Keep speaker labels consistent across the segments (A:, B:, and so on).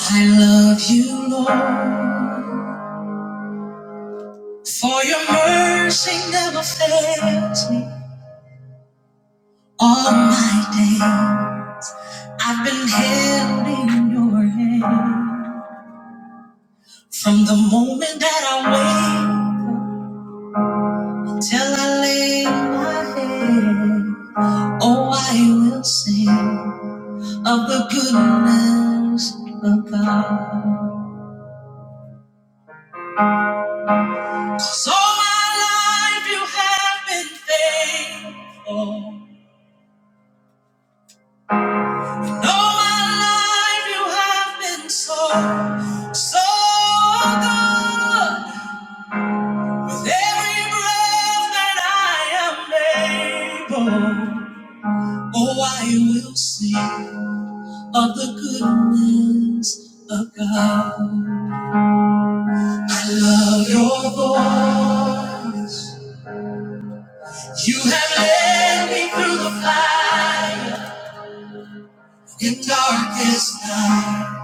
A: I love you, Lord, for your mercy never fails me all my day. I've been held in your hand from the moment that I wake up till I lay my head. Oh, I will sing of the goodness of God. So my life you have been faithful. All my life you have been so, so good. With every breath that I am able, oh, I will sing of the goodness of God. I love your voice. You have led me through the fire in darkest night.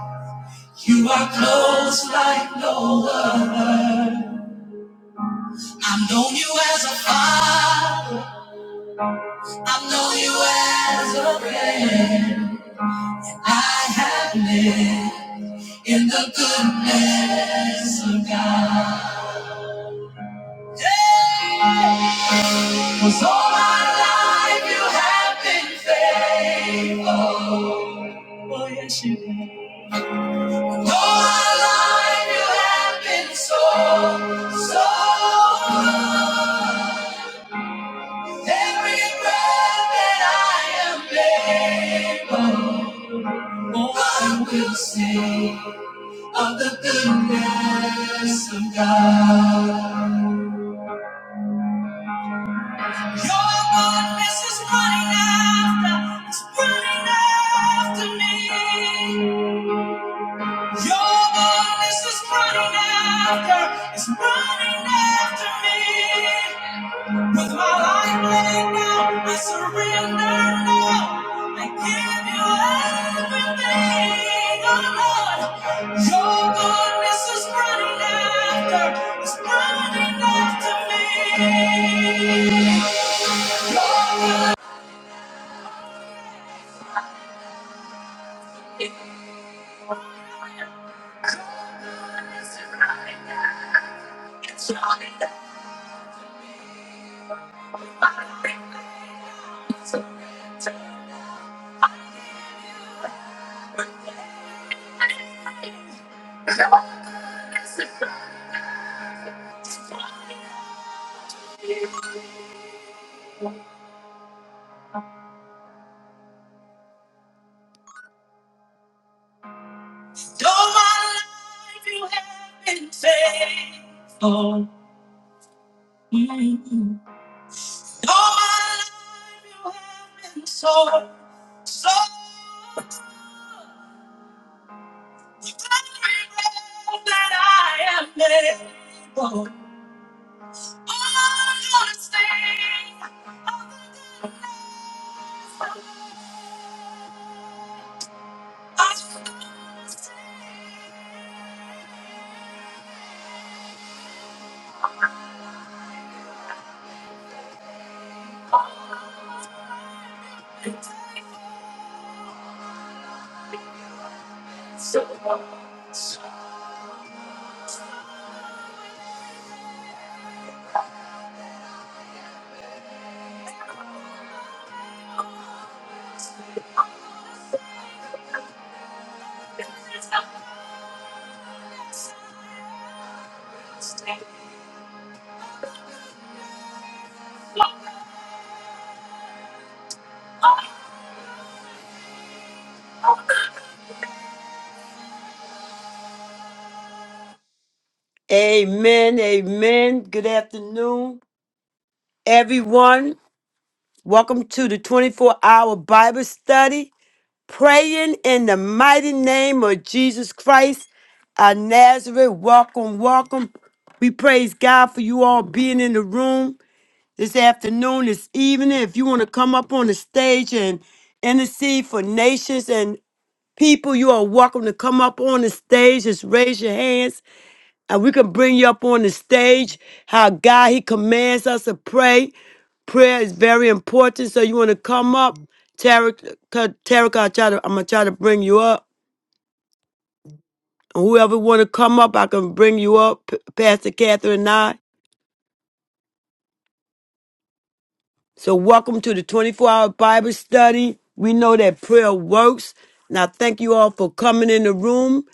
A: You are close like no other. I have known you as a father. I have known you as a friend. I have lived in the goodness of God. Yeah. 'Cause all my life you have been faithful. Oh, yes, you have. All my life you have been so, so good. Every breath that I am able. More I will sing of the goodness of God. Your goodness is running after, it's running after me. Your goodness is running after, it's running after me. With my life laid down, I surrender now. I give you everything, oh Lord. Your goodness is running after, is running after me. Your good- all my life you have been faithful. Mm. All my life you have been so, so. that I am able. All the things I so Amen. Amen. Good afternoon, everyone. Welcome to the 24 hour Bible study. praying in the mighty name of Jesus Christ of Nazareth. Welcome, welcome. We praise God for you all being in the room this afternoon, this evening. If you want to come up on the stage and intercede for nations and people, you are welcome to come up on the stage. Just raise your hands and we can bring you up on the stage how God, He commands us to pray. Prayer is very important. So you want to come up, Tarek, Tarek I'll try to, I'm going to try to bring you up. And whoever want to come up, I can bring you up, P- Pastor Catherine and I. So welcome to the 24-hour Bible study. We know that prayer works. And I thank you all for coming in the room.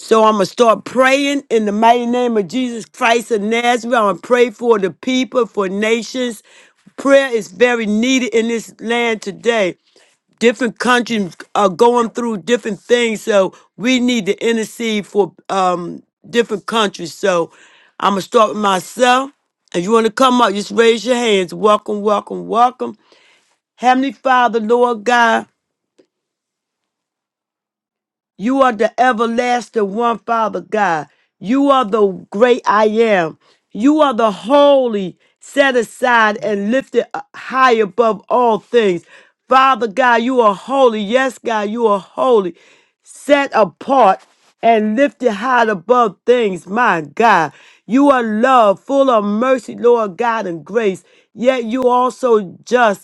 A: So I'm gonna start praying in the mighty name of Jesus Christ of Nazareth. I'm gonna pray for the people, for nations. Prayer is very needed in this land today. Different countries are going through different things, so we need to intercede for um, different countries. So I'm gonna start with myself. If you want to come up, just raise your hands. Welcome, welcome, welcome. Heavenly Father, Lord God. You are the everlasting one, Father God. You are the great I am. You are the holy, set aside and lifted high above all things. Father God, you are holy. Yes, God, you are holy, set apart and lifted high above things. My God, you are love, full of mercy, Lord God, and grace. Yet you also just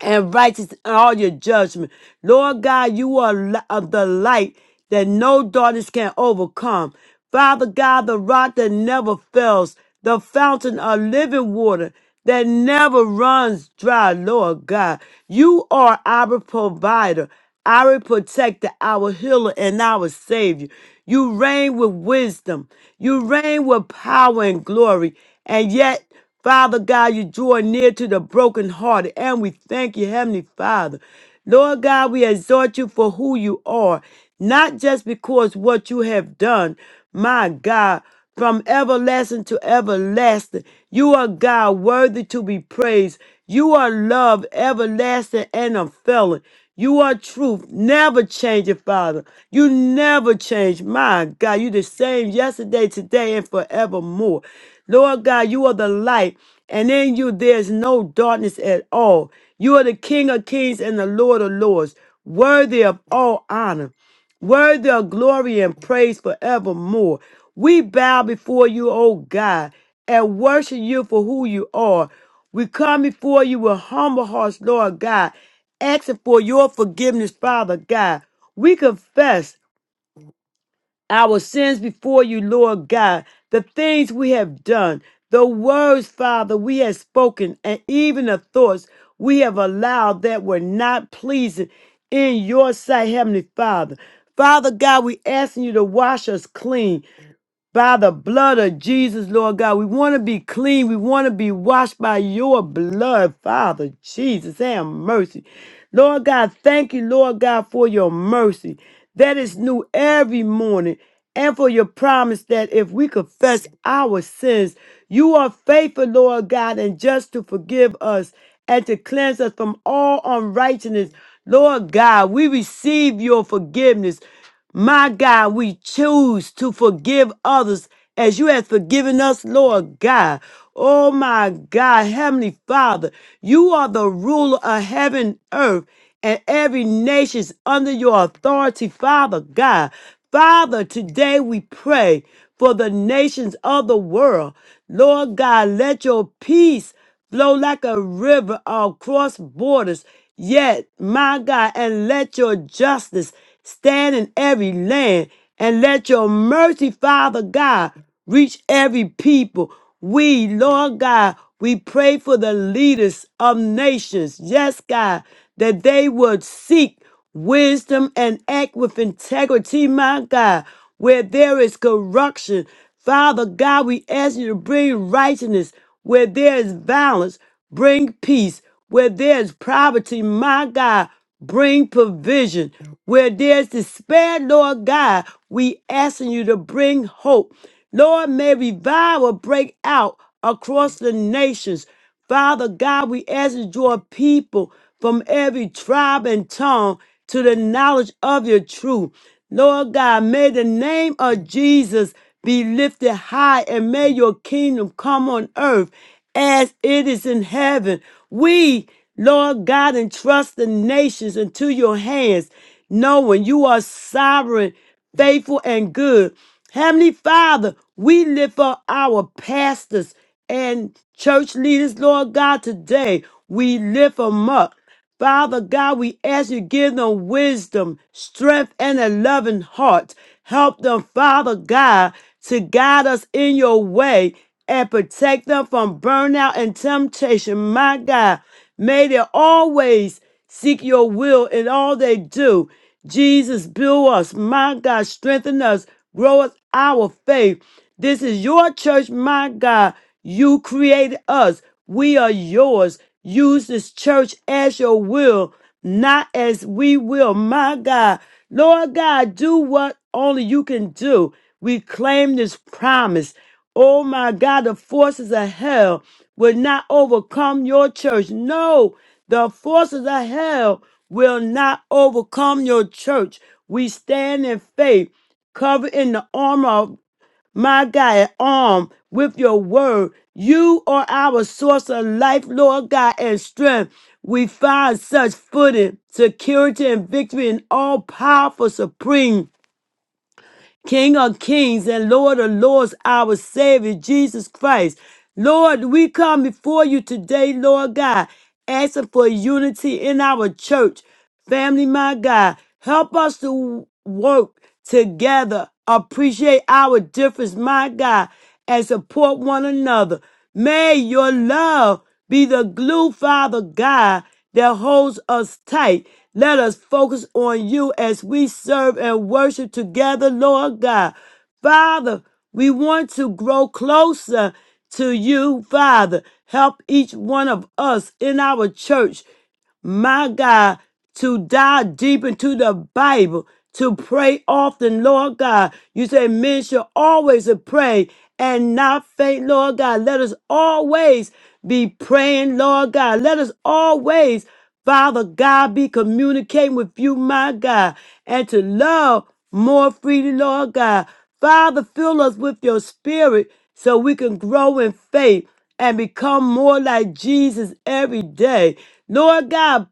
A: and righteous in all your judgment. Lord God, you are li- of the light that no darkness can overcome. Father God, the rock that never fails, the fountain of living water that never runs dry, Lord God. You are our provider, our protector, our healer, and our savior. You reign with wisdom. You reign with power and glory. And yet Father God, you draw near to the brokenhearted, and we thank you, Heavenly Father. Lord God, we exhort you for who you are, not just because what you have done, my God, from everlasting to everlasting. You are God worthy to be praised. You are love everlasting and unfailing. You are truth, never changing, Father. You never change. My God, you the same yesterday, today, and forevermore. Lord God, you are the light, and in you there is no darkness at all. You are the King of kings and the Lord of lords, worthy of all honor worthy of glory and praise forevermore. We bow before you, O God, and worship you for who you are. We come before you with humble hearts, Lord God, asking for your forgiveness, Father God. We confess our sins before you, Lord God, the things we have done, the words, Father, we have spoken, and even the thoughts we have allowed that were not pleasing in your sight, Heavenly Father. Father God, we asking you to wash us clean by the blood of Jesus, Lord God. We want to be clean. We want to be washed by your blood, Father Jesus. and mercy. Lord God, thank you, Lord God, for your mercy that is new every morning and for your promise that if we confess our sins, you are faithful, Lord God, and just to forgive us and to cleanse us from all unrighteousness. Lord God, we receive your forgiveness. My God, we choose to forgive others as you have forgiven us, Lord God. Oh my God, Heavenly Father, you are the ruler of heaven, and earth, and every nation is under your authority, Father God. Father, today we pray for the nations of the world. Lord God, let your peace flow like a river across borders. Yet, my God, and let your justice stand in every land, and let your mercy, Father God, reach every people. We, Lord God, we pray for the leaders of nations. Yes, God, that they would seek wisdom and act with integrity, my God. Where there is corruption, Father God, we ask you to bring righteousness where there is violence, bring peace. Where there is poverty, my God, bring provision. Where there is despair, Lord God, we asking you to bring hope. Lord, may revival break out across the nations. Father God, we ask that your people from every tribe and tongue to the knowledge of your truth. Lord God, may the name of Jesus be lifted high and may your kingdom come on earth as it is in heaven. We, Lord God, entrust the nations into your hands, knowing you are sovereign faithful and good. Heavenly Father, we lift up our pastors and church leaders, Lord God, today. We lift them up. Father God, we ask you to give them wisdom, strength, and a loving heart. Help them, Father God, to guide us in your way and protect them from burnout and temptation. My God, may they always seek your will in all they do. Jesus, build us. My God, strengthen us. Grow us our faith. This is your church, my God. You created us. We are yours. Use this church as your will, not as we will. My God, Lord God, do what only you can do. We claim this promise. Oh my God, the forces of hell will not overcome your church. No, the forces of hell will not overcome your church. We stand in faith, covered in the armor of my God, armed with your word. You are our source of life, Lord God, and strength. We find such footing, security, and victory in all powerful, supreme. King of kings and Lord of lords, our Savior, Jesus Christ. Lord, we come before you today, Lord God, asking for unity in our church. Family, my God, help us to work together, appreciate our difference, my God, and support one another. May your love be the glue, Father God, that holds us tight. Let us focus on you as we serve and worship together, Lord God. Father, we want to grow closer to you, Father. Help each one of us in our church my God, to dive deep into the Bible, to pray often, Lord God. You say men should always pray and not faint, Lord God. Let us always be praying, Lord God. Let us always, Father God, be communicating with you, my God, and to love more freely, Lord God. Father, fill us with your spirit so we can grow in faith and become more like Jesus every day. Lord God,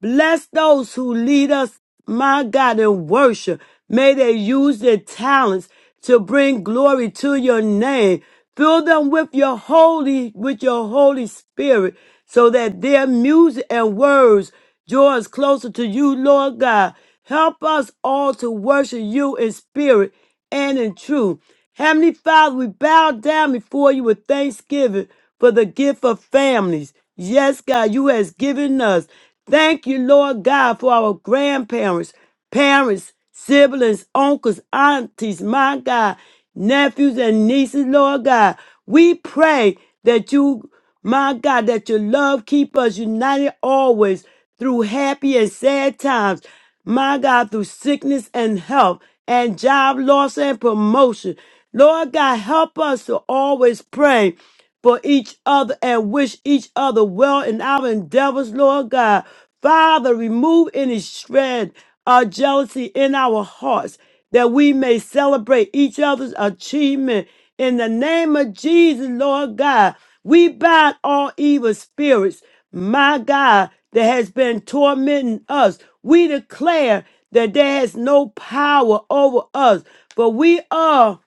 A: Bless those who lead us, my God, in worship. May they use their talents to bring glory to your name. Fill them with your holy, with your Holy Spirit, so that their music and words draw us closer to you, Lord God. Help us all to worship you in spirit and in truth. Heavenly Father, we bow down before you with thanksgiving for the gift of families. Yes, God, you has given us. Thank you, Lord God, for our grandparents, parents, siblings, uncles, aunties, my God, nephews and nieces, Lord God. We pray that you, my God, that your love keep us united always through happy and sad times my God, through sickness and health and job loss and promotion. Lord God, help us to always pray for each other and wish each other well in our endeavors, Lord God. Father, remove any shred of jealousy in our hearts that we may celebrate each other's achievement in the name of Jesus, Lord God. We bind all evil spirits, my God, that has been tormenting us. We declare that there has no power over us, but we are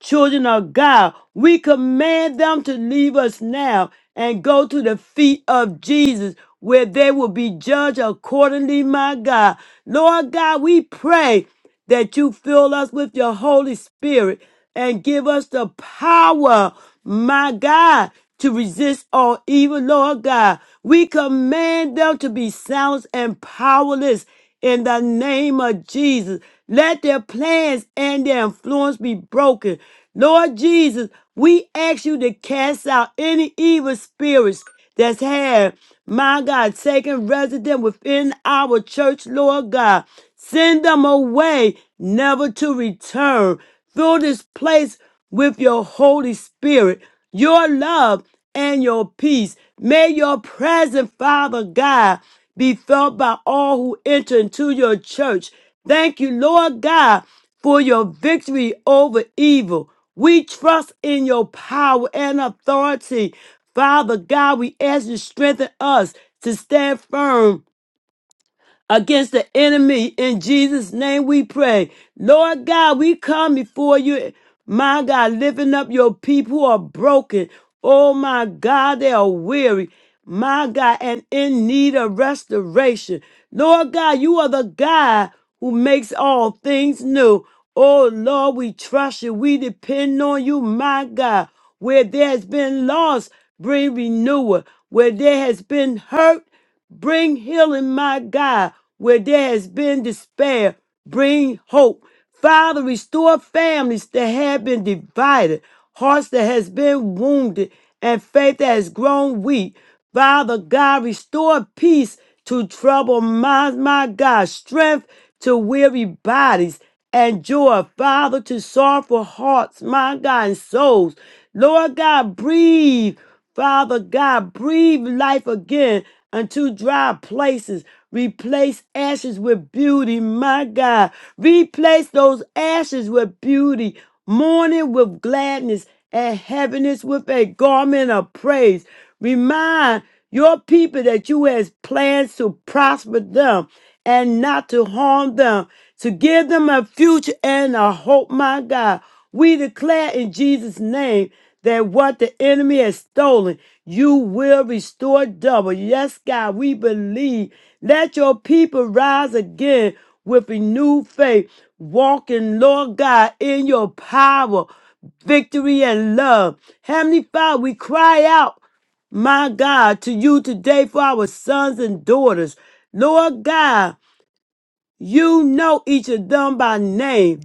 A: children of God, we command them to leave us now and go to the feet of Jesus, where they will be judged accordingly, my God. Lord God, we pray that you fill us with your Holy Spirit and give us the power, my God, to resist all evil, Lord God. We command them to be silenced and powerless in the name of Jesus. Let their plans and their influence be broken. Lord Jesus, we ask you to cast out any evil spirits that's had, my God, taken resident within our church, Lord God. Send them away, never to return. Fill this place with your Holy Spirit, your love, and your peace. May your present, Father God, be felt by all who enter into your church. Thank you, Lord God, for your victory over evil. We trust in your power and authority. Father God, we ask you to strengthen us to stand firm against the enemy. In Jesus' name we pray. Lord God, we come before you. My God, lifting up your people who are broken. Oh my God, they are weary. My God, and in need of restoration. Lord God, you are the God who makes all things new. Oh Lord, we trust you. We depend on you, my God. Where there has been loss, bring renewal. Where there has been hurt, Bring healing, my God, where there has been despair. Bring hope. Father, restore families that have been divided, hearts that has been wounded, and faith that has grown weak. Father God, restore peace to troubled minds, my God, strength to weary bodies, and joy, Father, to sorrowful hearts, my God, and souls. Lord God, breathe Father God, breathe life again unto dry places. Replace ashes with beauty, my God. Replace those ashes with beauty, mourning with gladness, and heaviness with a garment of praise. Remind your people that you has plans to prosper them and not to harm them, to give them a future and a hope, my God. We declare in Jesus' name that what the enemy has stolen, you will restore double. Yes, God, we believe. Let your people rise again with renewed faith, walking, Lord God, in your power, victory, and love. Heavenly Father, we cry out, my God, to you today for our sons and daughters. Lord God, you know each of them by name.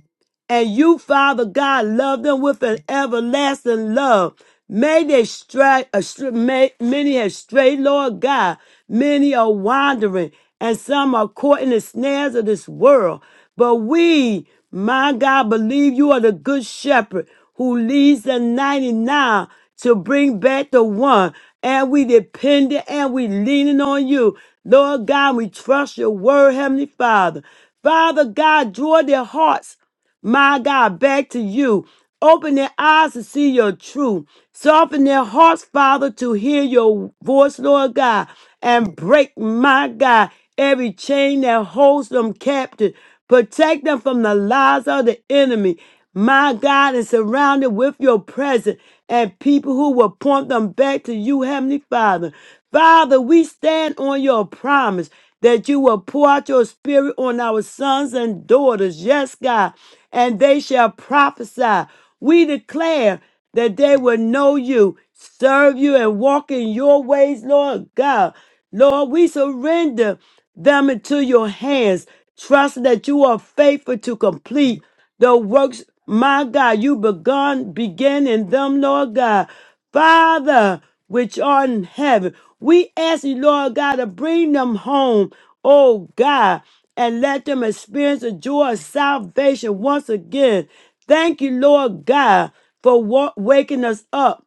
A: And you, Father God, love them with an everlasting love. May they strike, uh, str- may, many have strayed, Lord God. Many are wandering, and some are caught in the snares of this world. But we, my God, believe you are the good shepherd who leads the 99 to bring back the one. And we dependent and we leaning on you. Lord God, we trust your word, Heavenly Father. Father God, draw their hearts my God, back to you. Open their eyes to see your truth. Soften their hearts, Father, to hear your voice, Lord God, and break, my God, every chain that holds them captive. Protect them from the lies of the enemy. My God is surrounded with your presence and people who will point them back to you, Heavenly Father. Father, we stand on your promise that you will pour out your spirit on our sons and daughters. Yes, God, and they shall prophesy. We declare that they will know you, serve you, and walk in your ways, Lord God. Lord, we surrender them into your hands, trusting that you are faithful to complete the works, my God, you begun, began in them, Lord God. Father, which art in heaven, we ask you, Lord God, to bring them home, oh God, and let them experience the joy of salvation once again. Thank you, Lord God, for wa- waking us up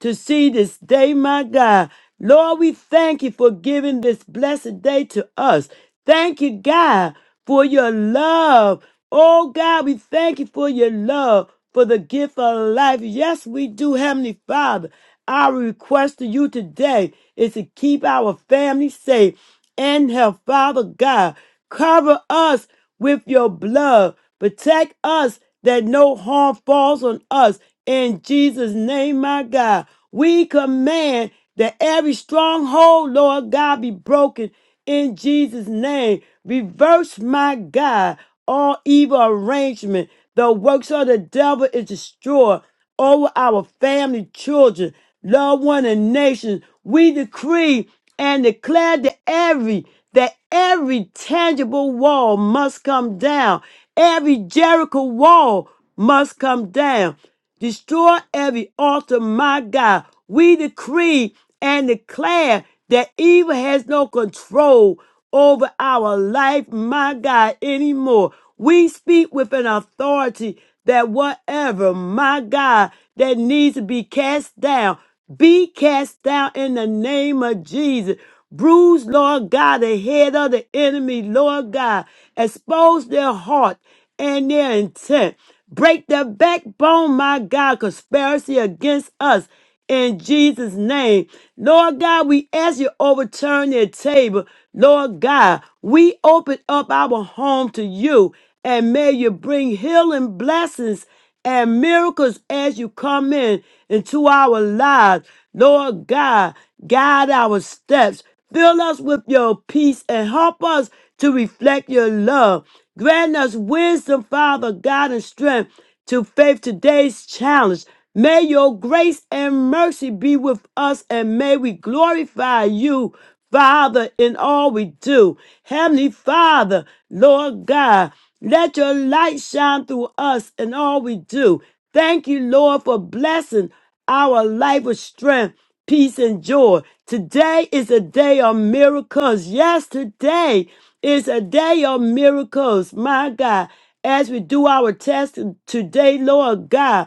A: to see this day, my God. Lord, we thank you for giving this blessed day to us. Thank you, God, for your love. Oh, God, we thank you for your love, for the gift of life. Yes, we do, Heavenly Father. Our request to you today is to keep our family safe and health. Father God, cover us with your blood. Protect us that no harm falls on us. In Jesus' name, my God, we command that every stronghold, Lord God, be broken in Jesus' name. Reverse, my God, all evil arrangement. The works of the devil is destroyed over our family, children, loved one, and nations. We decree and declare that every that every tangible wall must come down. Every Jericho wall must come down. Destroy every altar, my God. We decree and declare that evil has no control over our life, my God, anymore. We speak with an authority that whatever, my God, that needs to be cast down, be cast down in the name of Jesus. Bruise, Lord God, the head of the enemy, Lord God. Expose their heart and their intent. Break the backbone, my God, conspiracy against us in Jesus' name. Lord God, we ask you overturn their table. Lord God, we open up our home to you and may you bring healing blessings and miracles as you come in into our lives. Lord God, guide our steps. Fill us with your peace and help us to reflect your love. Grant us wisdom, Father God, and strength to face today's challenge. May your grace and mercy be with us, and may we glorify you, Father, in all we do. Heavenly Father, Lord God, let your light shine through us in all we do. Thank you, Lord, for blessing our life with strength, peace, and joy. Today is a day of miracles. Yes, today is a day of miracles, my God. As we do our test today, Lord God.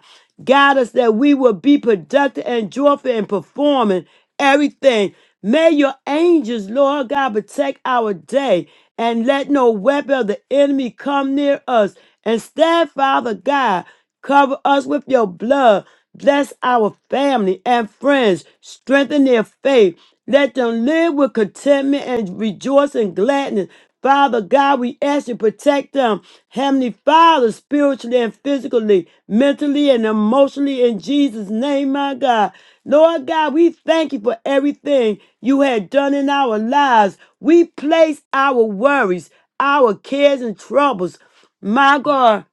A: Guide us that we will be productive and joyful in performing everything. May your angels, Lord God, protect our day and let no weapon of the enemy come near us. Instead, Father God, cover us with your blood. Bless our family and friends. Strengthen their faith. Let them live with contentment and rejoice in gladness. Father God, we ask you to protect them, Heavenly Father, spiritually and physically, mentally and emotionally, in Jesus' name, my God. Lord God, we thank you for everything you had done in our lives. We place our worries, our cares, and troubles, my God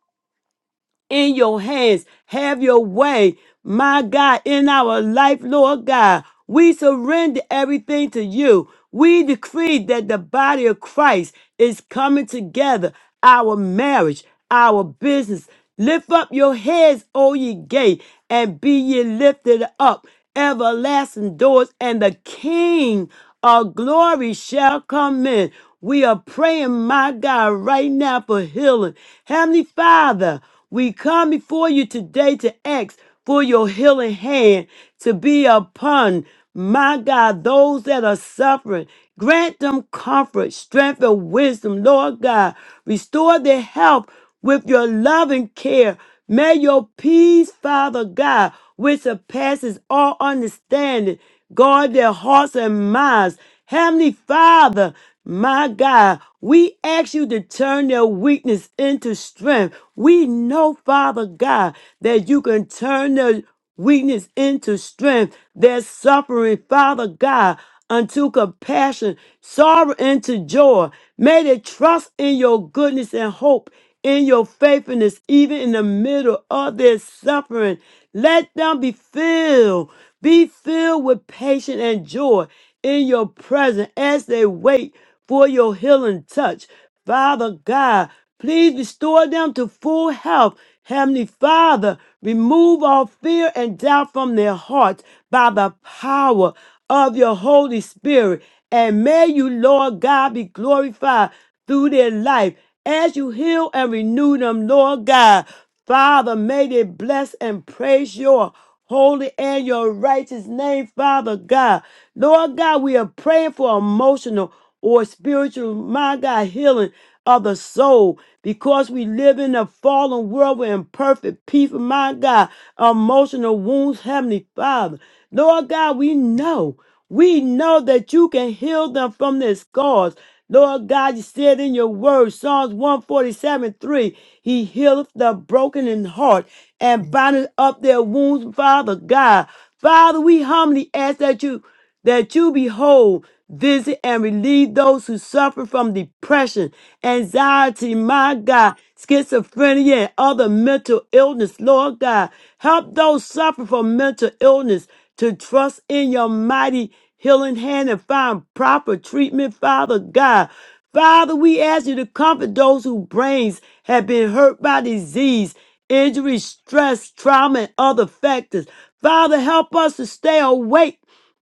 A: in your hands. Have your way, my God, in our life, Lord God. We surrender everything to you. We decree that the body of Christ is coming together, our marriage, our business. Lift up your heads, O ye gate, and be ye lifted up, everlasting doors, and the King of glory shall come in. We are praying, my God, right now for healing. Heavenly Father, we come before you today to ask for your healing hand to be upon, my God, those that are suffering. Grant them comfort, strength, and wisdom, Lord God. Restore their health with your loving care. May your peace, Father God, which surpasses all understanding, Guard their hearts and minds. Heavenly Father, my God, we ask you to turn their weakness into strength. We know, Father God, that you can turn their weakness into strength, their suffering, Father God, unto compassion, sorrow into joy. May they trust in your goodness and hope in your faithfulness, even in the middle of their suffering. Let them be filled be filled with patience and joy in your presence as they wait for your healing touch. Father God, please restore them to full health. Heavenly Father, remove all fear and doubt from their hearts by the power of your Holy Spirit. And may you, Lord God, be glorified through their life as you heal and renew them, Lord God. Father, may they bless and praise your holy and your righteous name, Father God. Lord God, we are praying for emotional or spiritual, my God, healing of the soul because we live in a fallen world with imperfect people, my God, emotional wounds, Heavenly Father. Lord God, we know. We know that you can heal them from their scars. Lord God, you said in your word, Psalms 147 3, He healeth the broken in heart and bindeth up their wounds, Father God. Father, we humbly ask that you that you behold, visit and relieve those who suffer from depression, anxiety, my God, schizophrenia, and other mental illness, Lord God. Help those suffering from mental illness to trust in your mighty healing hand and find proper treatment, Father God. Father, we ask you to comfort those whose brains have been hurt by disease, injury, stress, trauma, and other factors. Father, help us to stay awake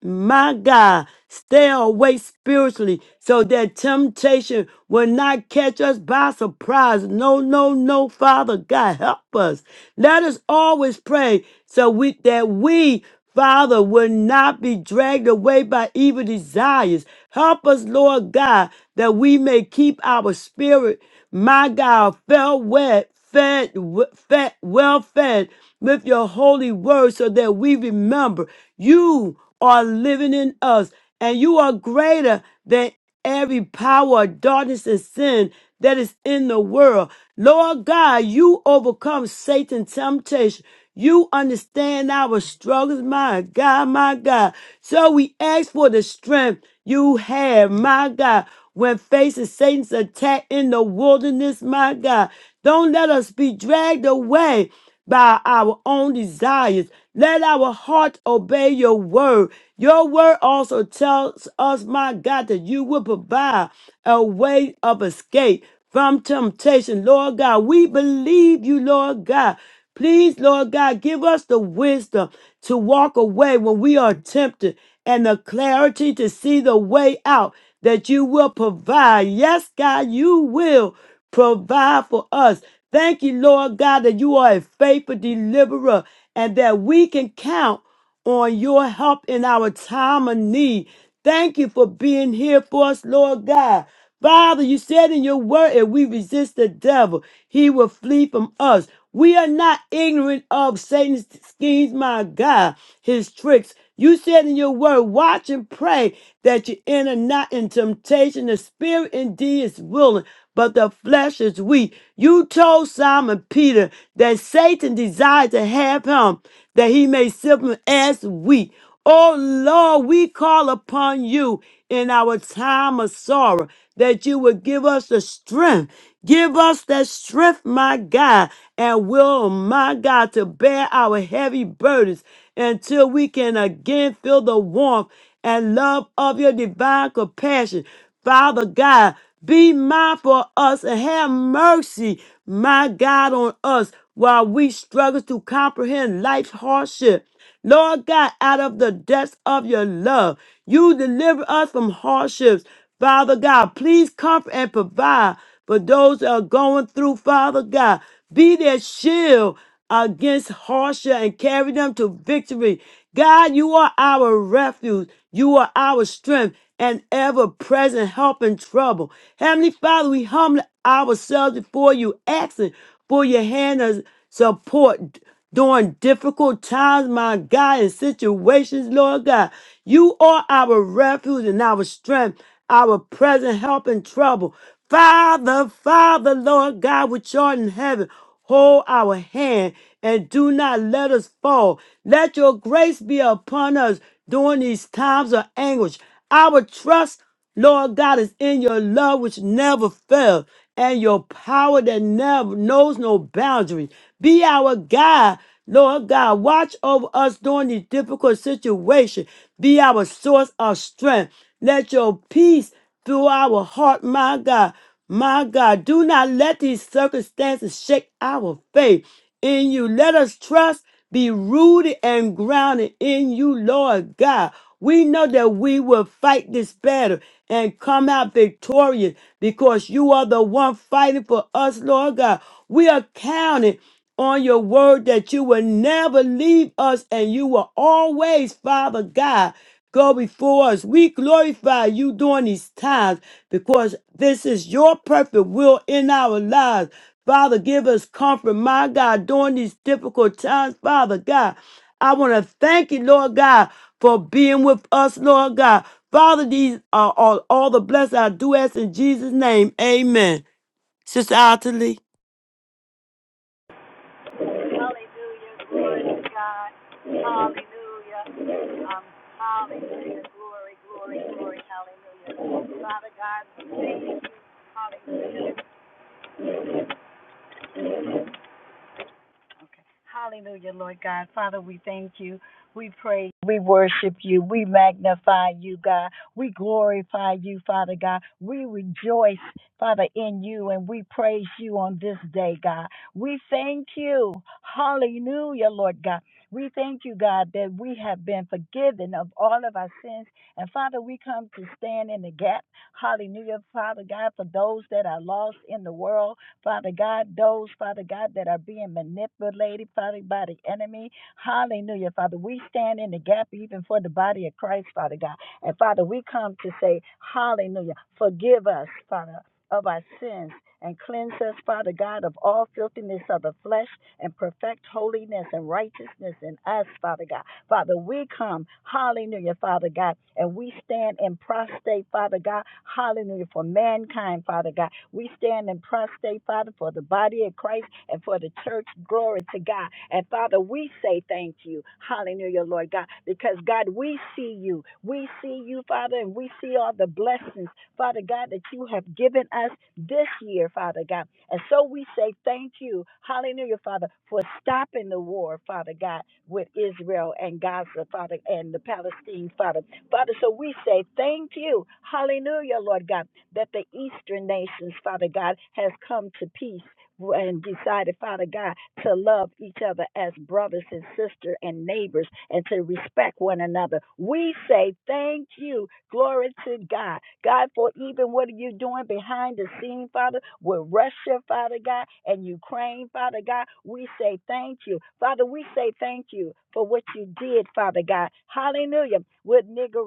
A: my God, stay awake spiritually so that temptation will not catch us by surprise. No, no, no, Father God, help us. Let us always pray so we, that we Father, will not be dragged away by evil desires. Help us, Lord God, that we may keep our spirit. My God, fell wet, fed, w- fed, well fed with your holy word so that we remember you are living in us and you are greater than every power of darkness and sin that is in the world. Lord God, you overcome Satan's temptation. You understand our struggles, my God, my God. So we ask for the strength you have, my God, when facing Satan's attack in the wilderness, my God. Don't let us be dragged away by our own desires. Let our heart obey your word. Your word also tells us, my God, that you will provide a way of escape from temptation. Lord God, we believe you, Lord God. Please, Lord God, give us the wisdom to walk away when we are tempted and the clarity to see the way out that you will provide. Yes, God, you will provide for us. Thank you, Lord God, that you are a faithful deliverer and that we can count on your help in our time of need. Thank you for being here for us, Lord God. Father, you said in your word, if we resist the devil, he will flee from us. We are not ignorant of Satan's schemes, my God, his tricks. You said in your word, watch and pray that you enter not in temptation. The spirit indeed is willing, but the flesh is weak. You told Simon Peter that Satan desired to have him, that he may sift him as wheat. Oh Lord, we call upon you in our time of sorrow that you would give us the strength. Give us that strength, my God, and will, my God, to bear our heavy burdens until we can again feel the warmth and love of your divine compassion. Father God, be mindful of us and have mercy, my God, on us while we struggle to comprehend life's hardship. Lord God, out of the depths of your love, you deliver us from hardships. Father God, please comfort and provide for those that are going through, Father God. Be their shield against hardship and carry them to victory. God, you are our refuge. You are our strength and ever present help in trouble. Heavenly Father, we humble ourselves before you, asking for your hand of support during difficult times, my God, and situations, Lord God. You are our refuge and our strength, our present help in trouble. Father, Father, Lord God, which art in heaven, hold our hand and do not let us fall. Let your grace be upon us during these times of anguish. Our trust, Lord God, is in your love which never fails and your power that never knows no boundary. Be our God, Lord God. Watch over us during these difficult situations. Be our source of strength. Let your peace through our heart, my God. My God, do not let these circumstances shake our faith in you. Let us trust, be rooted and grounded in you, Lord God. We know that we will fight this battle and come out victorious because you are the one fighting for us, Lord God. We are counting on your word that you will never leave us and you will always, Father God go before us. We glorify you during these times because this is your perfect will in our lives. Father, give us comfort, my God, during these difficult times, Father God. I want to thank you, Lord God, for being with us, Lord God. Father, these are all, all the blessings I do ask in Jesus' name. Amen. Sister Otterly.
B: Hallelujah. Glory to God. Hallelujah. Um, hallelujah. Glory, glory, glory. Hallelujah. Father God, we thank you. Hallelujah. Okay. Hallelujah, Lord God. Father, we thank you. We praise, you. we worship you, we magnify you, God. We glorify you, Father God. We rejoice, Father, in you and we praise you on this day, God. We thank you. Hallelujah, Lord God. We thank you, God, that we have been forgiven of all of our sins. And Father, we come to stand in the gap. Hallelujah, Father God, for those that are lost in the world. Father God, those, Father God, that are being manipulated, Father, by the enemy. Hallelujah, Father. We stand in the gap even for the body of Christ, Father God. And Father, we come to say, Hallelujah, forgive us, Father, of our sins. And cleanse us, Father God, of all filthiness of the flesh and perfect holiness and righteousness in us, Father God. Father, we come, hallelujah, Father God, and we stand in prostrate, Father God, hallelujah, for mankind, Father God. We stand in prostrate, Father, for the body of Christ and for the church. Glory to God. And Father, we say thank you, hallelujah, Lord God, because God, we see you. We see you, Father, and we see all the blessings, Father God, that you have given us this year, Father God. And so we say thank you, hallelujah, Father, for stopping the war, Father God, with Israel and Gaza, Father, and the Palestine, Father. Father, so we say thank you, hallelujah, Lord God, that the Eastern nations, Father God, has come to peace, and decided, Father God, to love each other as brothers and sisters and neighbors and to respect one another. We say thank you. Glory to God. God, for even what are you doing behind the scene, Father, with Russia, Father God and Ukraine, Father God. We say thank you. Father, we say thank you for what you did, Father God. Hallelujah. With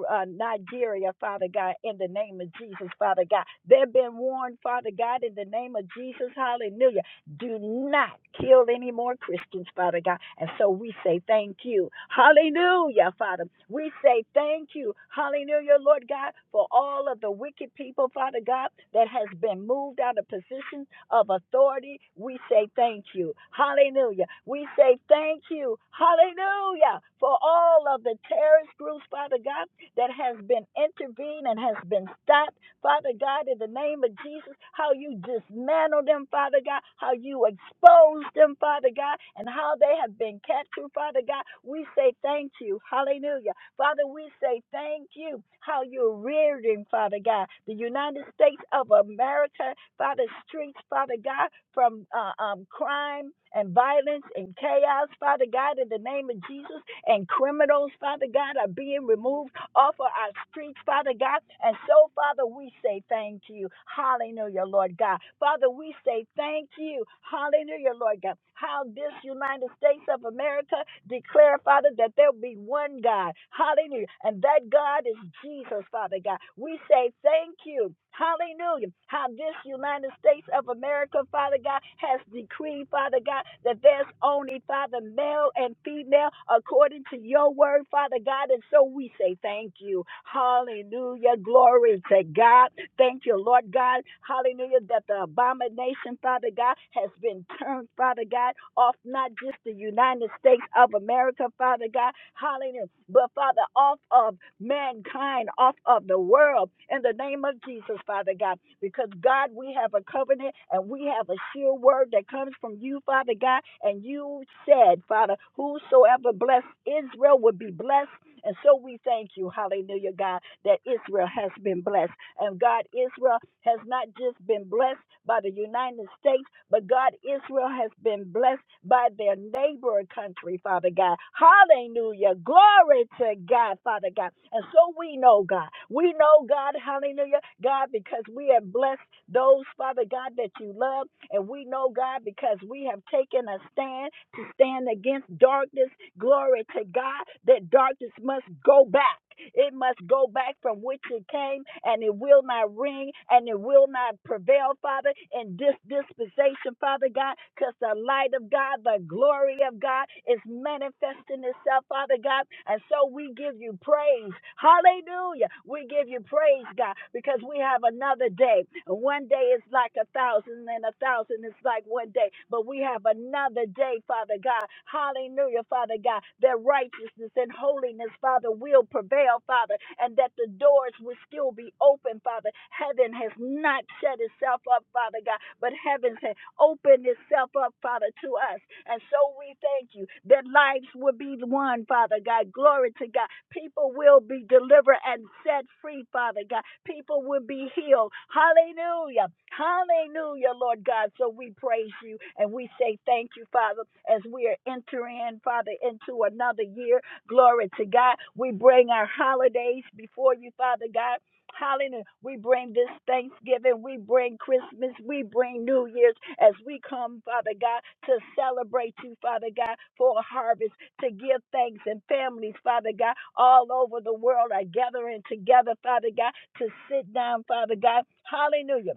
B: uh, Nigeria, Father God, in the name of Jesus, Father God. They've been warned, Father God, in the name of Jesus. Hallelujah do not kill any more Christians, Father God. And so we say thank you. Hallelujah, Father. We say thank you. Hallelujah, Lord God, for all of the wicked people, Father God, that has been moved out of positions of authority. We say thank you. Hallelujah. We say thank you. Hallelujah, for all of the terrorist groups, Father God, that has been intervened and has been stopped. Father God, in the name of Jesus, how you dismantle them, Father God, how you expose them, Father God, and how they have been captured, Father God. We say thank you. Hallelujah. Father, we say thank you how you're rearing, Father God, the United States of America, Father, streets, Father God, from uh, um, crime and violence and chaos, Father God, in the name of Jesus, and criminals, Father God, are being removed off of our streets, Father God. And so, Father, we say thank you. Hallelujah, Lord God. Father, we say thank you. Hallelujah, Lord God how this United States of America declare, Father, that there will be one God. Hallelujah. And that God is Jesus, Father God. We say thank you. Hallelujah. How this United States of America, Father God, has decreed, Father God, that there's only, Father, male and female according to your word, Father God. And so we say thank you. Hallelujah. Glory to God. Thank you Hallelujah, Lord God, hallelujah, that the abomination, Father God, has been turned, Father God, off not just the United States of America, Father God, hallelujah, but Father, off of mankind, off of the world, in the name of Jesus, Father God, because God, we have a covenant and we have a sure word that comes from you, Father God, and you said, Father, whosoever blessed Israel would be blessed and so we thank you, hallelujah, God, that Israel has been blessed. And God, Israel has not just been blessed by the United States, but God, Israel has been blessed by their neighboring country, Father God. Hallelujah. Glory to God, Father God. And so we know, God. We know, God, hallelujah, God, because we have blessed those, Father God, that you love. And we know, God, because we have taken a stand to stand against darkness. Glory to God, that darkness darkness must go back. It must go back from which it came, and it will not ring, and it will not prevail, Father, in this dispensation, Father God, because the light of God, the glory of God is manifesting itself, Father God. And so we give you praise. Hallelujah. We give you praise, God, because we have another day. One day is like a thousand, and a thousand is like one day. But we have another day, Father God. Hallelujah, Father God, that righteousness and holiness, Father, will prevail, Father, and that the doors will still be open, Father. Heaven has not shut itself up, Father God, but heaven has opened itself up, Father, to us. And so we thank you that lives will be won, Father God. Glory to God. People will be delivered and set free, Father God. People will be healed. Hallelujah. Hallelujah, Lord God. So we praise you and we say thank you, Father, as we are entering, Father, into another year. Glory to God. We bring our holidays before you, Father God. Hallelujah. We bring this Thanksgiving. We bring Christmas. We bring New Year's as we come, Father God, to celebrate you, Father God, for a harvest, to give thanks. And families, Father God, all over the world are gathering together, Father God, to sit down, Father God. Hallelujah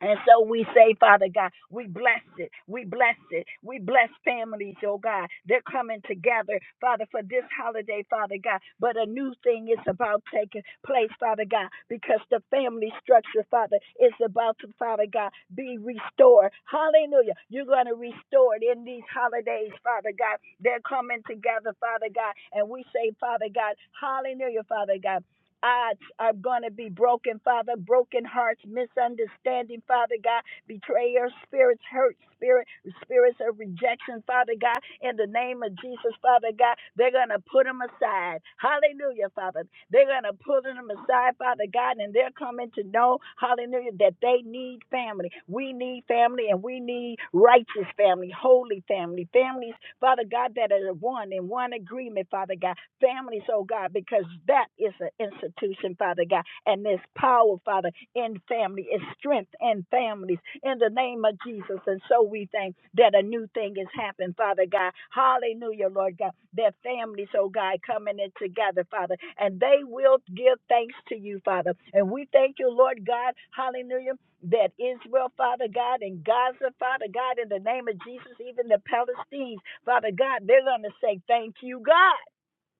B: and so we say, Father God, we bless it. We bless it. We bless families, oh God. They're coming together, Father, for this holiday, Father God. But a new thing is about taking place, Father God, because the family structure, Father, is about to, Father God, be restored. Hallelujah. You're going to restore it in these holidays, Father God. They're coming together, Father God. And we say, Father God, hallelujah, Father God odds are going to be broken, Father. Broken hearts, misunderstanding, Father God, Betrayal, spirits, hurt, spirit, spirits of rejection, Father God. In the name of Jesus, Father God, they're going to put them aside. Hallelujah, Father. They're going to put them aside, Father God, and they're coming to know, hallelujah, that they need family. We need family, and we need righteous family, holy family, families, Father God, that are one in one agreement, Father God families, oh God, because that is an institution, Father God, and there's power, Father, in family, is strength in families, in the name of Jesus. And so we thank that a new thing has happened, Father God. Hallelujah, Lord God. Their families, oh God, coming in together, Father, and they will give thanks to you, Father. And we thank you, Lord God, hallelujah, that Israel, Father God, and Gaza, Father God, in the name of Jesus, even the Palestinians, Father God, they're going to say, Thank you, God.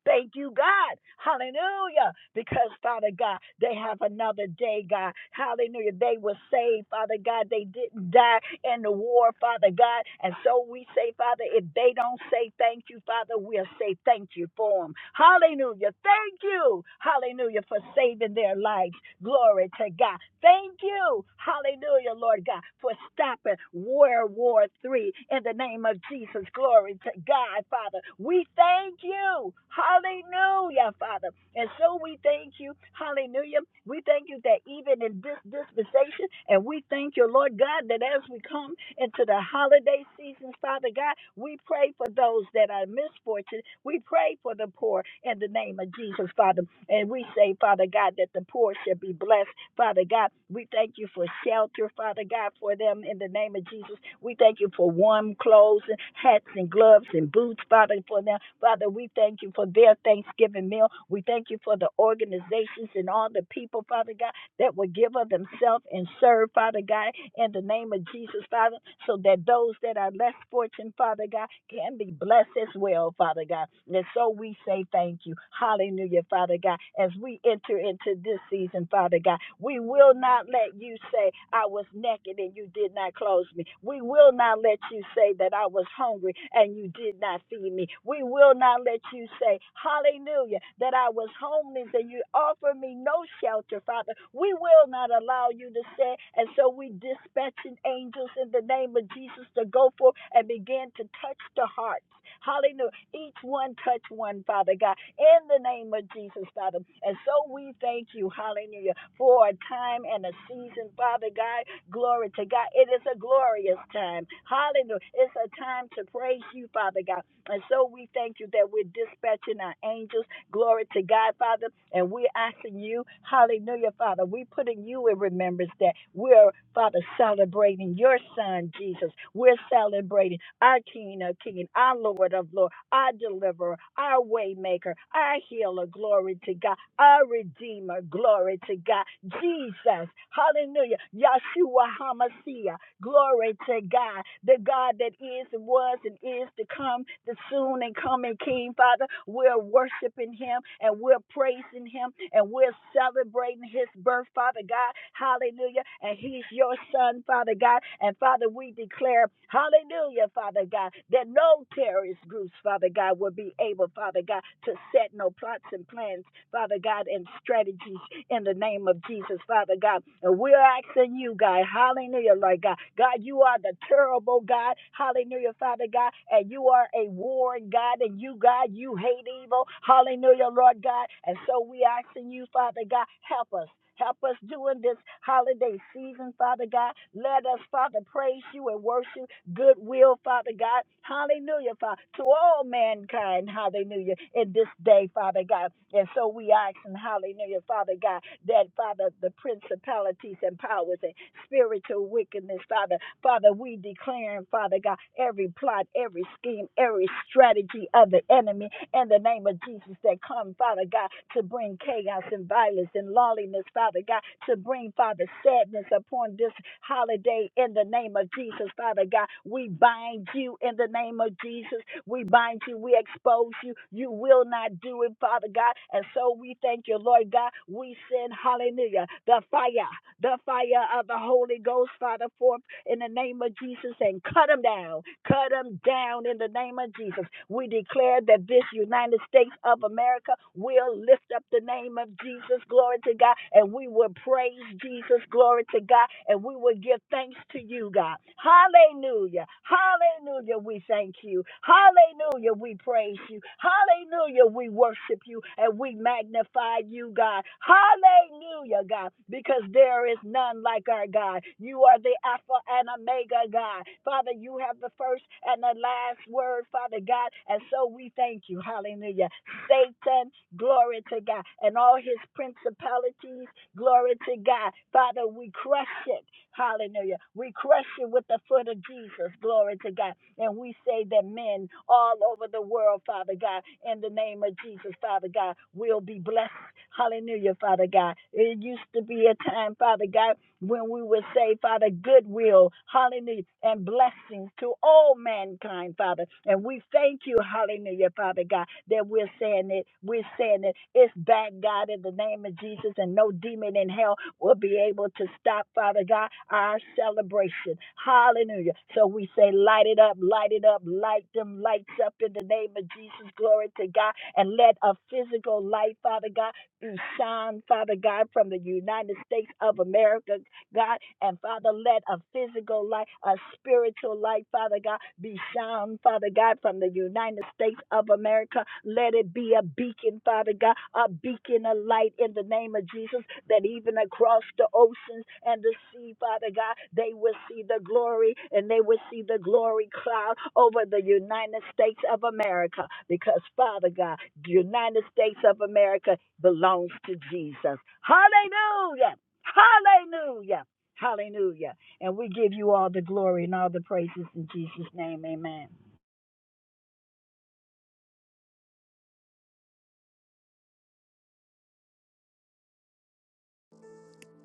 B: Thank you, God. Hallelujah. Because, Father God, they have another day, God. Hallelujah. They were saved, Father God. They didn't die in the war, Father God. And so we say, Father, if they don't say thank you, Father, we'll say thank you for them. Hallelujah. Thank you. Hallelujah for saving their lives. Glory to God. Thank you. Hallelujah, Lord God, for stopping World War Three in the name of Jesus. Glory to God, Father. We thank you. Hallelujah, Father. And so we thank you. Hallelujah. We thank you that even in this dispensation, and we thank you, Lord God, that as we come into the holiday seasons, Father God, we pray pray for those that are misfortunate. We pray for the poor in the name of Jesus, Father. And we say, Father God, that the poor should be blessed. Father God, we thank you for shelter, Father God, for them in the name of Jesus. We thank you for warm clothes, and hats, and gloves, and boots, Father, for them. Father, we thank you for their Thanksgiving meal. We thank you for the organizations and all the people, Father God that will give of themselves and serve, Father God, in the name of Jesus, Father, so that those that are less fortunate, Father God, can be blessed as well, Father God. And so we say thank you. Hallelujah, Father God. As we enter into this season, Father God, we will not let you say, I was naked and you did not clothe me. We will not let you say that I was hungry and you did not feed me. We will not let you say, Hallelujah, that that I was homeless and you offered me no shelter, Father. We will not allow you to stay. And so we dispatching angels in the name of Jesus to go forth and begin to touch the hearts. Hallelujah. Each one touch one, Father God, in the name of Jesus, Father. And so we thank you, hallelujah, for a time and a season, Father God. Glory to God. It is a glorious time. Hallelujah. It's a time to praise you, Father God. And so we thank you that we're dispatching our angels. Glory to God, Father. And we're asking you, hallelujah, Father. We're putting you in remembrance that we're, Father, celebrating your Son, Jesus. We're celebrating our King of King, our Lord of Lord, our Deliverer, our Waymaker, our Healer. Glory to God. Our Redeemer. Glory to God. Jesus. Hallelujah. Yahshua HaMashiach. Glory to God. The God that is and was and it is to come, the soon and coming King, Father. We're worshiping him and we're praising him and we're celebrating his birth, Father God. Hallelujah. And he's your son, Father God. And Father, we declare, hallelujah, Father God, that no terrorist groups, Father God, will be able, Father God, to set no plots and plans, Father God, and strategies in the name of Jesus, Father God. And we're asking you, God, hallelujah, Lord God. God, you are the terrible God, Hallelujah. Hallelujah, Father God. And you are a warring God, and you, God, you hate evil. Hallelujah, Lord God. And so we asking you, Father God, help us. Help us during this holiday season, Father God. Let us, Father, praise you and worship goodwill, Father God. Hallelujah, Father, to all mankind, hallelujah, in this day, Father God. And so we ask, and hallelujah, Father God, that, Father, the principalities and powers and spiritual wickedness, Father, Father, we we declaring, Father God, every plot, every scheme, every strategy of the enemy in the name of Jesus that come, Father God, to bring chaos and violence and lawlessness, Father God, to bring, Father, sadness upon this holiday in the name of Jesus, Father God. We bind you in the name of Jesus. We bind you. We expose you. You will not do it, Father God. And so we thank you, Lord God. We send, hallelujah, the fire, the fire of the Holy Ghost, Father, forth in the name of Jesus and cut them down. Cut them down in the name of Jesus. We declare that this United States of America will lift up the name of Jesus. Glory to God. And we will praise Jesus. Glory to God. And we will give thanks to you, God. Hallelujah. Hallelujah. We thank thank you. Hallelujah, we praise you. Hallelujah, we worship you and we magnify you, God. Hallelujah, God, because there is none like our God. You are the Alpha and Omega, God. Father, you have the first and the last word, Father God, and so we thank you. Hallelujah. Satan, glory to God, and all his principalities, glory to God. Father, we crush it Hallelujah. We crush you with the foot of Jesus. Glory to God. And we say that men all over the world, Father God, in the name of Jesus, Father God, will be blessed Hallelujah, Father God. It used to be a time, Father God, when we would say, Father, goodwill, hallelujah, and blessings to all mankind, Father. And we thank you, hallelujah, Father God, that we're saying it. We're saying it. It's back, God, in the name of Jesus, and no demon in hell will be able to stop, Father God, our celebration. Hallelujah. So we say, light it up, light it up, light them lights up in the name of Jesus. Glory to God. And let a physical light, Father God, Ushan, Father God, from the United States of America. God. And Father, let a physical life, a spiritual life, Father God, be sound, Father God, from the United States of America. Let it be a beacon, Father God, a beacon of light in the name of Jesus, that even across the oceans and the sea, Father God, they will see the glory and they will see the glory cloud over the United States of America. Because, Father God, the United States of America belongs to Jesus. Hallelujah. Hallelujah. Hallelujah. And we give you all the glory and all the praises in Jesus' name. Amen.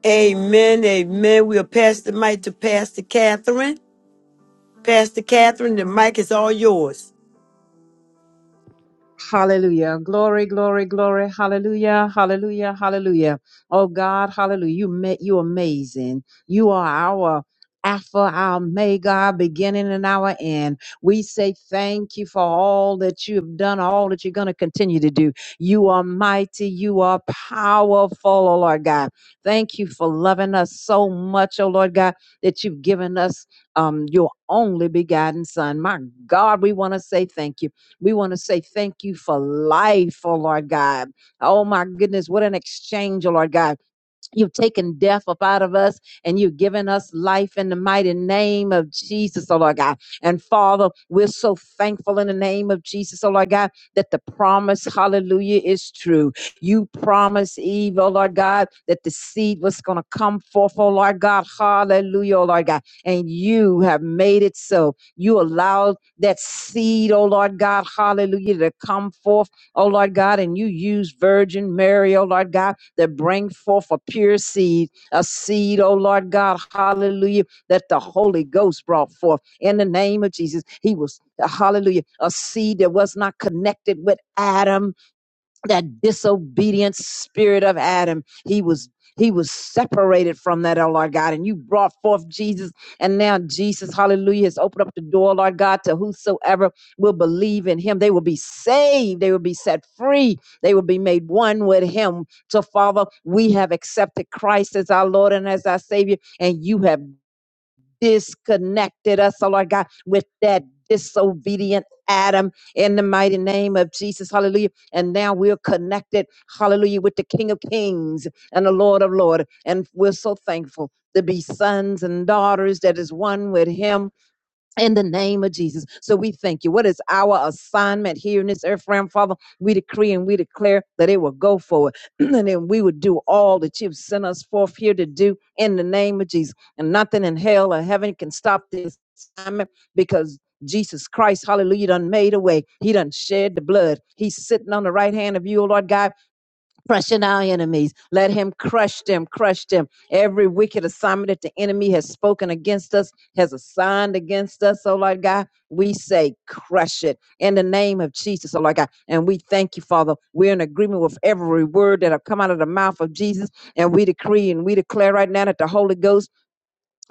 A: Amen. Amen. We'll pass the mic to Pastor Catherine. Pastor Catherine, the mic is all yours.
C: Hallelujah. Glory, glory, glory. Hallelujah. Hallelujah. Hallelujah. Oh God, hallelujah. You met you amazing. You are our Alpha, our Omega, our beginning and our end. We say thank you for all that you have done, all that you're going to continue to do. You are mighty. You are powerful, oh Lord God. Thank you for loving us so much, oh Lord God, that you've given us um, your only begotten Son. My God, we want to say thank you. We want to say thank you for life, oh Lord God. Oh my goodness, what an exchange, oh Lord God. You've taken death up out of us and you've given us life in the mighty name of Jesus, oh Lord God. And Father, we're so thankful in the name of Jesus, oh Lord God, that the promise, hallelujah, is true. You promised Eve, oh Lord God, that the seed was going to come forth, oh Lord God, hallelujah, oh Lord God. And you have made it so. You allowed that seed, oh Lord God, hallelujah, to come forth, oh Lord God, and you used Virgin Mary, oh Lord God that bring forth a pure seed, a seed, oh Lord God, hallelujah, that the Holy Ghost brought forth in the name of Jesus. He was, hallelujah, a seed that was not connected with Adam, that disobedient spirit of Adam. He was he was separated from that, oh Lord God, and you brought forth Jesus. And now Jesus, hallelujah, has opened up the door, Lord God, to whosoever will believe in him. They will be saved. They will be set free. They will be made one with him. So, Father, we have accepted Christ as our Lord and as our Savior, and you have disconnected us, oh Lord God, with that disobedient Adam in the mighty name of Jesus. Hallelujah. And now we're connected, hallelujah, with the King of Kings and the Lord of Lords. And we're so thankful to be sons and daughters that is one with him in the name of Jesus. So we thank you. What is our assignment here in this earth realm, Father? We decree and we declare that it will go forward and then we would do all that you've sent us forth here to do in the name of Jesus. And nothing in hell or heaven can stop this assignment because Jesus Christ, hallelujah, done made a way. He done shed the blood. He's sitting on the right hand of you, O Lord God crushing our enemies. Let him crush them, crush them. Every wicked assignment that the enemy has spoken against us, has assigned against us, oh Lord God, we say crush it in the name of Jesus, oh Lord God. And we thank you, Father. We're in agreement with every word that have come out of the mouth of Jesus. And we decree and we declare right now that the Holy Ghost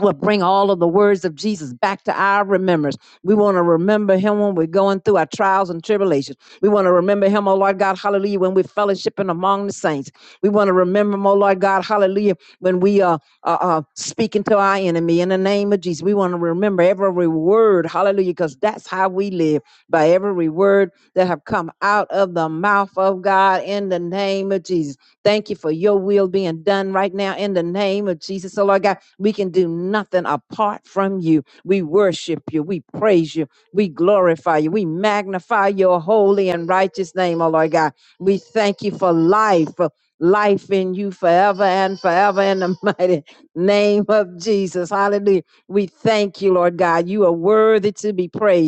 C: will bring all of the words of Jesus back to our remembrance. We want to remember him when we're going through our trials and tribulations. We want to remember him, oh Lord God, hallelujah, when we're fellowshipping among the saints. We want to remember him, oh Lord God, hallelujah, when we are uh, uh, uh, speaking to our enemy in the name of Jesus. We want to remember every word, hallelujah, because that's how we live, by every word that have come out of the mouth of God in the name of Jesus. Thank you for your will being done right now in the name of Jesus. So, Lord God, we can do nothing apart from you. We worship you. We praise you. We glorify you. We magnify your holy and righteous name, oh Lord God. We thank you for life, for life in you forever and forever in the mighty name of Jesus. Hallelujah. We thank you, Lord God. You are worthy to be praised.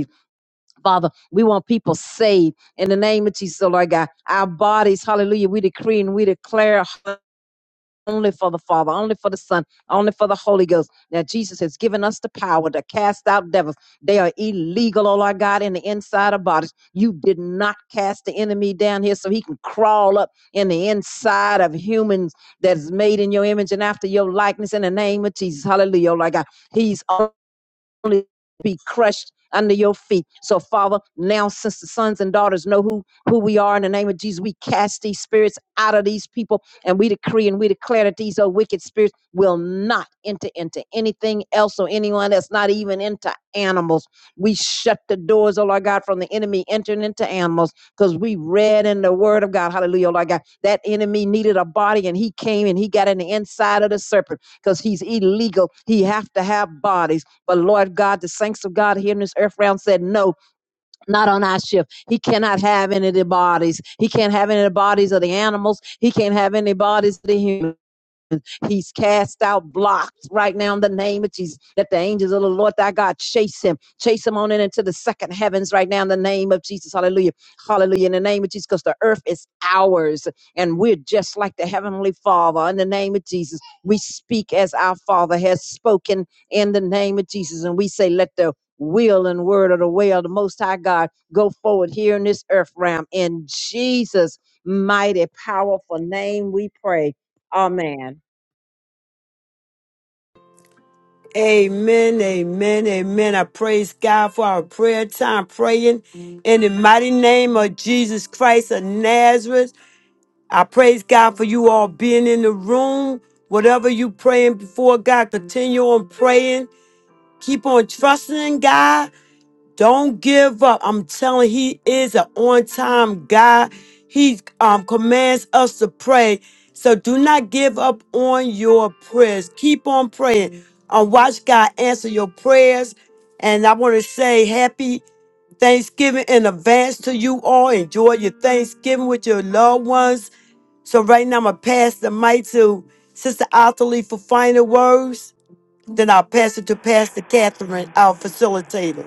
C: Father, we want people saved in the name of Jesus, oh Lord God. Our bodies, hallelujah, we decree and we declare only for the Father, only for the Son, only for the Holy Ghost. Now, Jesus has given us the power to cast out devils. They are illegal, oh Lord God, in the inside of bodies. You did not cast the enemy down here so he can crawl up in the inside of humans that is made in your image and after your likeness in the name of Jesus. Hallelujah, oh Lord God. He's on only be crushed under your feet. So, Father, now since the sons and daughters know who, who we are in the name of Jesus, we cast these spirits out of these people and we decree and we declare that these old wicked spirits will not enter into anything else or anyone that's not even into animals. We shut the doors, oh Lord God, from the enemy entering into animals because we read in the word of God, hallelujah, oh Lord God, that enemy needed a body and he came and he got in the inside of the serpent because he's illegal. He have to have bodies. But Lord God, the saints of God here in this earth realm said, no, not on our shift. He cannot have any of the bodies. He can't have any of the bodies of the animals. He can't have any bodies of the humans. He's cast out blocks right now in the name of Jesus. Let the angels of the Lord thy God chase him, chase him on in into the second heavens right now in the name of Jesus. Hallelujah. Hallelujah. In the name of Jesus, because the earth is ours and we're just like the heavenly Father. In the name of Jesus, we speak as our Father has spoken in the name of Jesus. And we say, let the will and word of the way of the Most High God go forward here in this earth realm. In Jesus' mighty, powerful name, we pray. Amen.
A: Amen, amen, amen. I praise God for our prayer time praying in the mighty name of Jesus Christ of Nazareth. I praise God for you all being in the room. Whatever you praying before God, continue on praying. Keep on trusting in God. Don't give up. I'm telling you, he is an on-time God. He um, commands us to pray. So do not give up on your prayers. Keep on praying. Um, watch God answer your prayers. And I want to say happy Thanksgiving in advance to you all. Enjoy your Thanksgiving with your loved ones. So right now I'm gonna pass the mic to Sister Otterly for final words. Then I'll pass it to Pastor Catherine, our facilitator.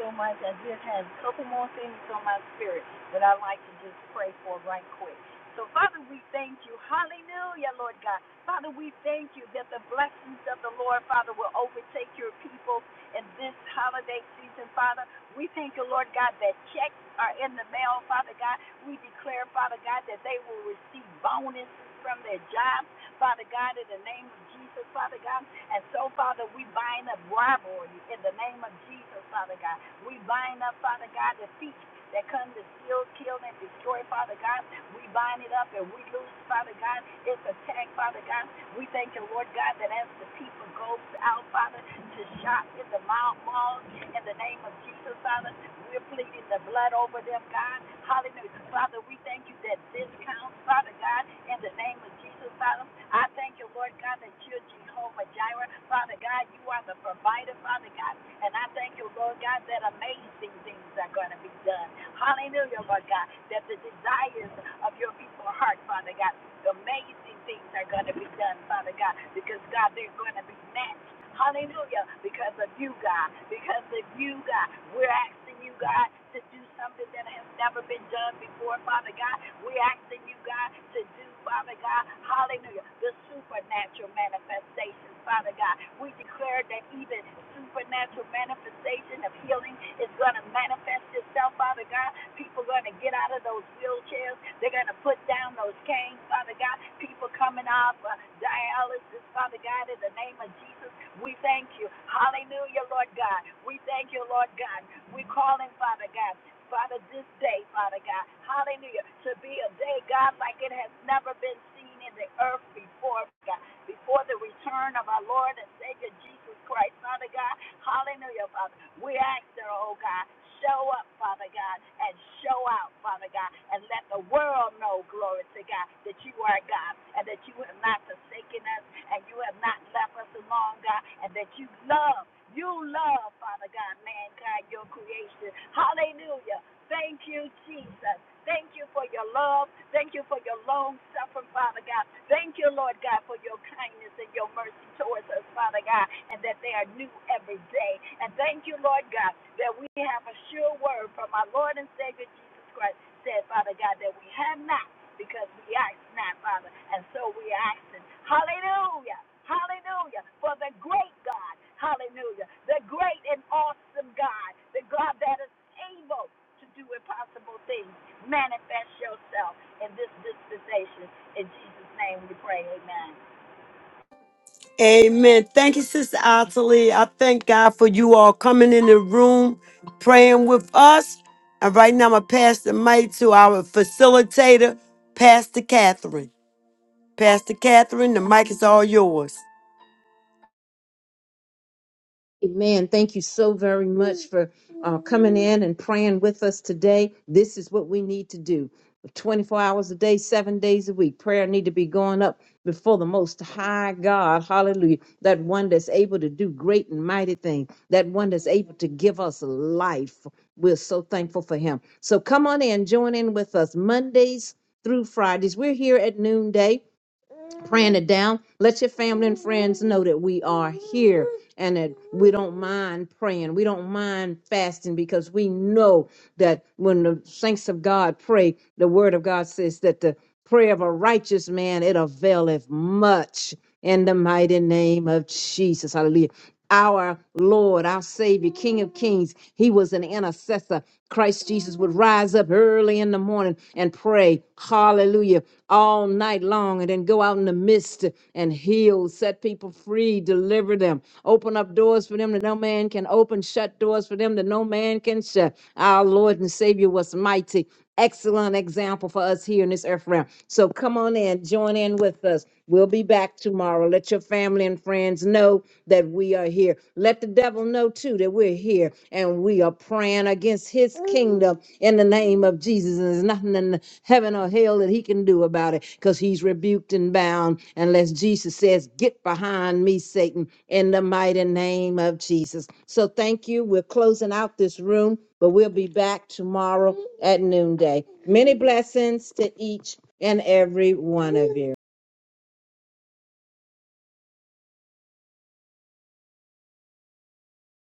B: so much. I just have a couple more things on my spirit that I'd like to just pray for right quick. So, Father, we thank you. Hallelujah, Lord God. Father, we thank you that the blessings of the Lord, Father, will overtake your people in this holiday season, Father. We thank you, Lord God, that checks are in the mail, Father God. We declare, Father God, that they will receive bonuses from their jobs, Father God, in the name of Jesus, Father God. And so, Father, we bind up rivalry in the name of Jesus, Father God. We bind up, Father God, defeat that comes to steal, kill, and destroy, Father God. We bind it up and we lose, Father God, its attack, Father God. We thank you, Lord God, that as the people go out, Father, to shop in the mall, malls, in the name of Jesus, Father, we're pleading the blood over them, God. Hallelujah. Father, we thank you that this counts, Father God, in the name of Jesus, Father. I thank you, Lord God, that you're Jehovah Jireh. Father God, you are the provider, Father God. And I thank you, Lord God, that amazing things are going to be done. Hallelujah, Lord God, that the desires of your people's heart, Father God, amazing things are going to be done, Father God, because God, they're going to be matched. Hallelujah. Because of you, God. Because of you, God. We're asking you, God, to do something that has never been done before, Father God. We're asking you, God, to do, Father God, hallelujah, the supernatural manifestations, Father God. We declare declare that even supernatural manifestation of healing is going to manifest itself, Father God. People are going to get out of those wheelchairs. They're going to put down those canes, Father God. People coming off uh, dialysis, Father God, in the name of Jesus. We thank you. Hallelujah, Lord God. We thank you, Lord God. We call in, Father God. Father, this day, Father God, hallelujah, to be a day, God, like it has never been seen in the earth before, God before the return of our Lord and Savior Jesus Christ, Father God. Hallelujah, Father. We ask that, oh God, show up, Father God, and show out, Father God, and let the world know, glory to God, that you are God and that you have not forsaken us and you have not left us alone, God, and that you love, you love, Father God, mankind, your creation. Hallelujah. Thank you, Jesus. Thank you for your love. Thank you for your long suffering, Father God. Thank you, Lord God, for your kindness and your mercy towards us, Father God, and that they are new every day. And thank you, Lord God, that we have a sure word from our Lord and Savior Jesus Christ, said, Father God, that we have not because we ask not, Father. And so we are asking, hallelujah, hallelujah, for the great God, hallelujah, the great and awesome God, the God that is able to do impossible things. Manifest yourself in this dispensation. In Jesus' name we pray. Amen.
A: Amen. Thank you, Sister Ottilie. I thank God for you all coming in the room, praying with us. And right now, I'm going to pass the mic to our facilitator, Pastor Catherine. Pastor Catherine, the mic is all yours.
C: Amen. Thank you so very much for uh, coming in and praying with us today. This is what we need to do 24 hours a day, seven days a week. Prayer need to be going up before the most high God. Hallelujah. That one that's able to do great and mighty things. That one that's able to give us life. We're so thankful for him. So come on in, join in with us Mondays through Fridays. We're here at noonday praying it down. Let your family and friends know that we are here and that we don't mind praying. We don't mind fasting because we know that when the saints of God pray, the word of God says that the prayer of a righteous man it availeth much in the mighty name of Jesus. Hallelujah. Our Lord, our Savior, King of Kings, He was an intercessor. Christ Jesus would rise up early in the morning and pray, hallelujah, all night long, and then go out in the mist and heal, set people free, deliver them, open up doors for them that no man can open, shut doors for them that no man can shut. Our Lord and Savior was mighty excellent example for us here in this earth realm. So come on in, join in with us. We'll be back tomorrow. Let your family and friends know that we are here. Let the devil know too that we're here and we are praying against his kingdom in the name of Jesus. And there's nothing in heaven or hell that he can do about it because he's rebuked and bound unless Jesus says, Get behind me, Satan, in the mighty name of Jesus. So thank you. We're closing out this room. But we'll be back tomorrow at noonday. Many blessings to each and every one of you.